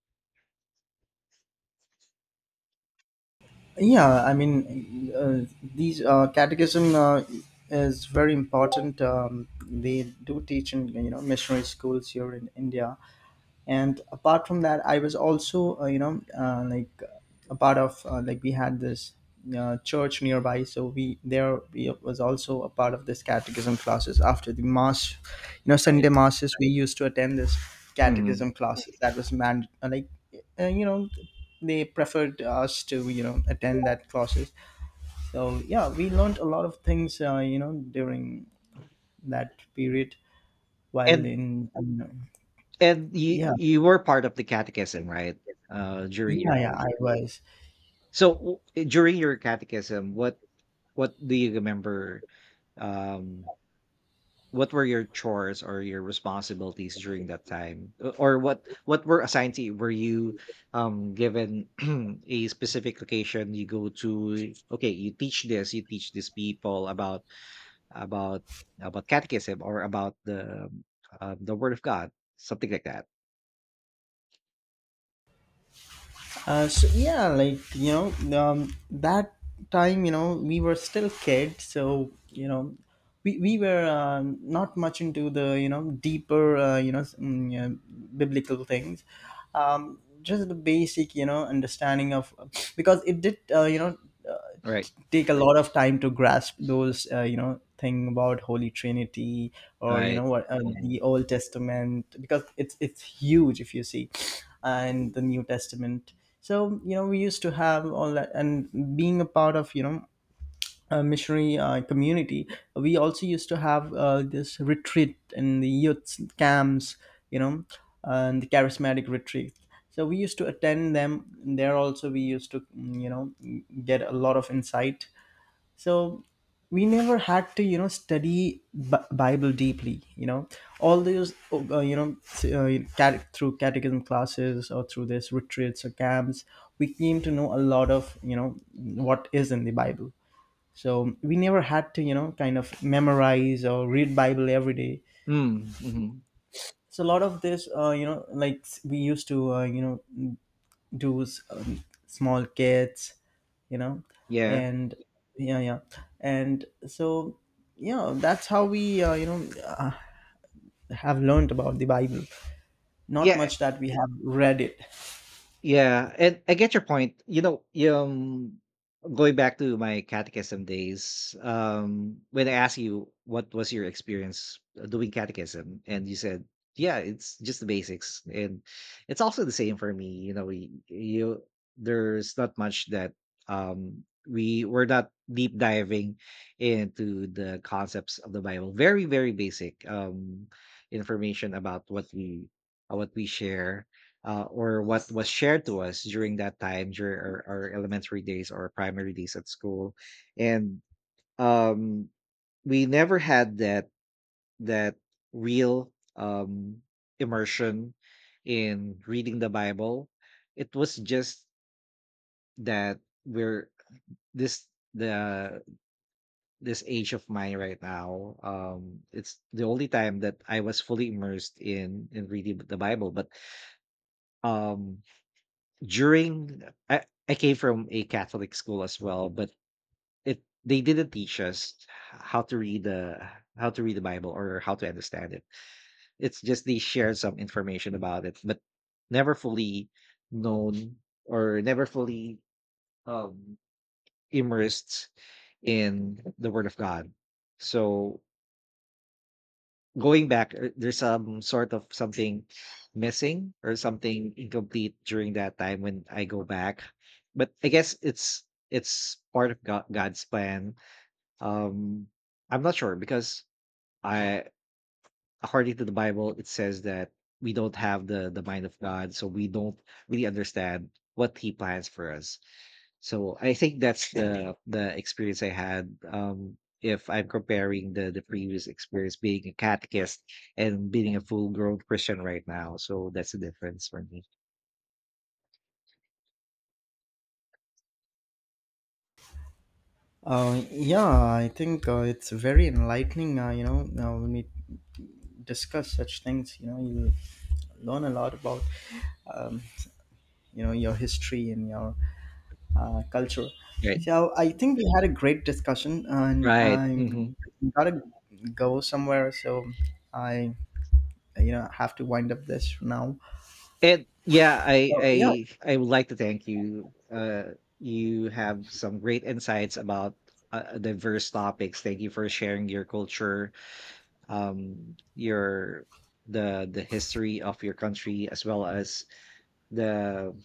Speaker 2: Yeah, I mean, uh, these uh, catechism uh, is very important. Um, they do teach in, you know, missionary schools here in India, and apart from that I was also, uh, you know, uh, like, a part of, uh, like, we had this uh, church nearby. So we there, we was also a part of this catechism classes after the mass, you know,
Speaker 1: Right.
Speaker 2: sunday masses, we used to attend this
Speaker 1: Mhm.
Speaker 2: catechism classes, that was mand uh, like, uh, you know, they preferred us to, you know, attend that classes. So yeah, we learned a lot of things, uh, you know, during that period, while
Speaker 1: And
Speaker 2: in um,
Speaker 1: and you
Speaker 2: yeah,
Speaker 1: you were part of the catechism, right? Uh, during your,
Speaker 2: yeah, yeah, I was.
Speaker 1: so w- eh, during your catechism, what what do you remember? Um, what were your chores or your responsibilities during that time, O- or what what were assigned to you? Were you um, given (clears throat) a specific location you go to? Okay, you teach this, you teach these people about about about catechism or about the um, uh, the Word of God, something like that.
Speaker 2: Uh, so yeah, like, you know, um, that time, you know, we were still kids, so you know, we, we were, uh, not much into the, you know, deeper, uh, you know s- mm, yeah, biblical things, um, just the basic, you know, understanding of, because it did, uh, you know,
Speaker 1: Right,
Speaker 2: take a lot of time to grasp those, uh, you know, thing about holy trinity, or you know,
Speaker 1: right.
Speaker 2: what, uh,
Speaker 1: Mhm.
Speaker 2: the old testament, because it's it's huge if you see, and the new testament. So you know, we used to have all that, and being a part of, you know, a missionary, uh, community, we also used to have, uh, this retreat in the youth camps, you know, and the charismatic retreat. So we used to attend them, there also we used to, mm, you know, get a lot of insight. So we never had to, you know, study B- bible deeply, you know, all those, uh, you know, uh, cate- through catechism classes, or through this retreats or camps, we came to know a lot of, you know, what is in the bible. So we never had to, you know, kind of memorize or read bible every day.
Speaker 1: Mm, mhm.
Speaker 2: So a lot of this, uh, you know, like, we used to, uh, you know, do s- um, small kids, you know,
Speaker 1: Yeah,
Speaker 2: and yeah, yeah, and so, yeah, that's how we, uh, you know, uh, have learned about the bible, not
Speaker 1: yeah.
Speaker 2: much that we have read it.
Speaker 1: Yeah, and I get your point. You know, um, going back to my catechism days, um, when I asked you what was your experience uh, doing catechism, and you said, "Yeah, it's just the basics," and it's also the same for me. You know, we you There's not much that um we were not deep diving into the concepts of the Bible. Very very basic um information about what we uh, what we share, uh, or what was shared to us during that time during our, our elementary days or primary days at school. And um, we never had that that real um, immersion in reading the Bible. It was just that we're this the this age of mine right now, um it's the only time that I was fully immersed in in reading the Bible. But um during I, I came from a Catholic school as well, but it, they didn't teach us how to read the, how to read the Bible or how to understand it. It's just they shared some information about it, but never fully known or never fully um immersed in the Word of God. So going back, er, there's some sort of something missing or something incomplete during that time when I go back. But I guess it's it's part of God god's plan. um I'm not sure because I according to the Bible, it says that we don't have the the mind of God, so we don't really understand what he plans for us. So I think that's the the experience I had. Um, if I'm comparing the the previous experience being a catechist and being a full grown Christian right now, so that's the difference for me.
Speaker 2: Uh, yeah, I think, uh, it's very enlightening, uh, you know, uh, when we discuss such things. You know, you learn a lot about, um, you know, your history and your, uh, culture.
Speaker 1: Right.
Speaker 2: So I think we had a great discussion, and
Speaker 1: Right.
Speaker 2: I'm
Speaker 1: hmm
Speaker 2: gotta go somewhere. So I, you know, have to wind up this now.
Speaker 1: And yeah, I
Speaker 2: Oh yeah,
Speaker 1: I I would like to thank you. Uh, you have some great insights about uh, diverse topics. Thank you for sharing your culture, um, your the the history of your country as well as the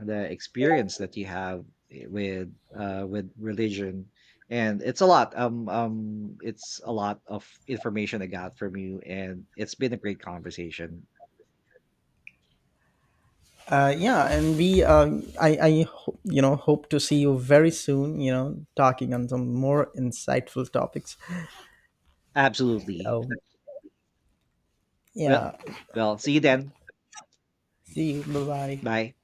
Speaker 1: the experience that you have, i- with uh with religion. And it's a lot, um um it's a lot of information I got from you, and it's been a great conversation.
Speaker 2: uh, yeah, and we, um I, I, ho- you know, hope to see you very soon. You know, talking on some more insightful topics.
Speaker 1: Absolutely.
Speaker 2: So
Speaker 1: Well,
Speaker 2: yeah,
Speaker 1: well, see you then.
Speaker 2: see you. Bye bye.
Speaker 1: Bye.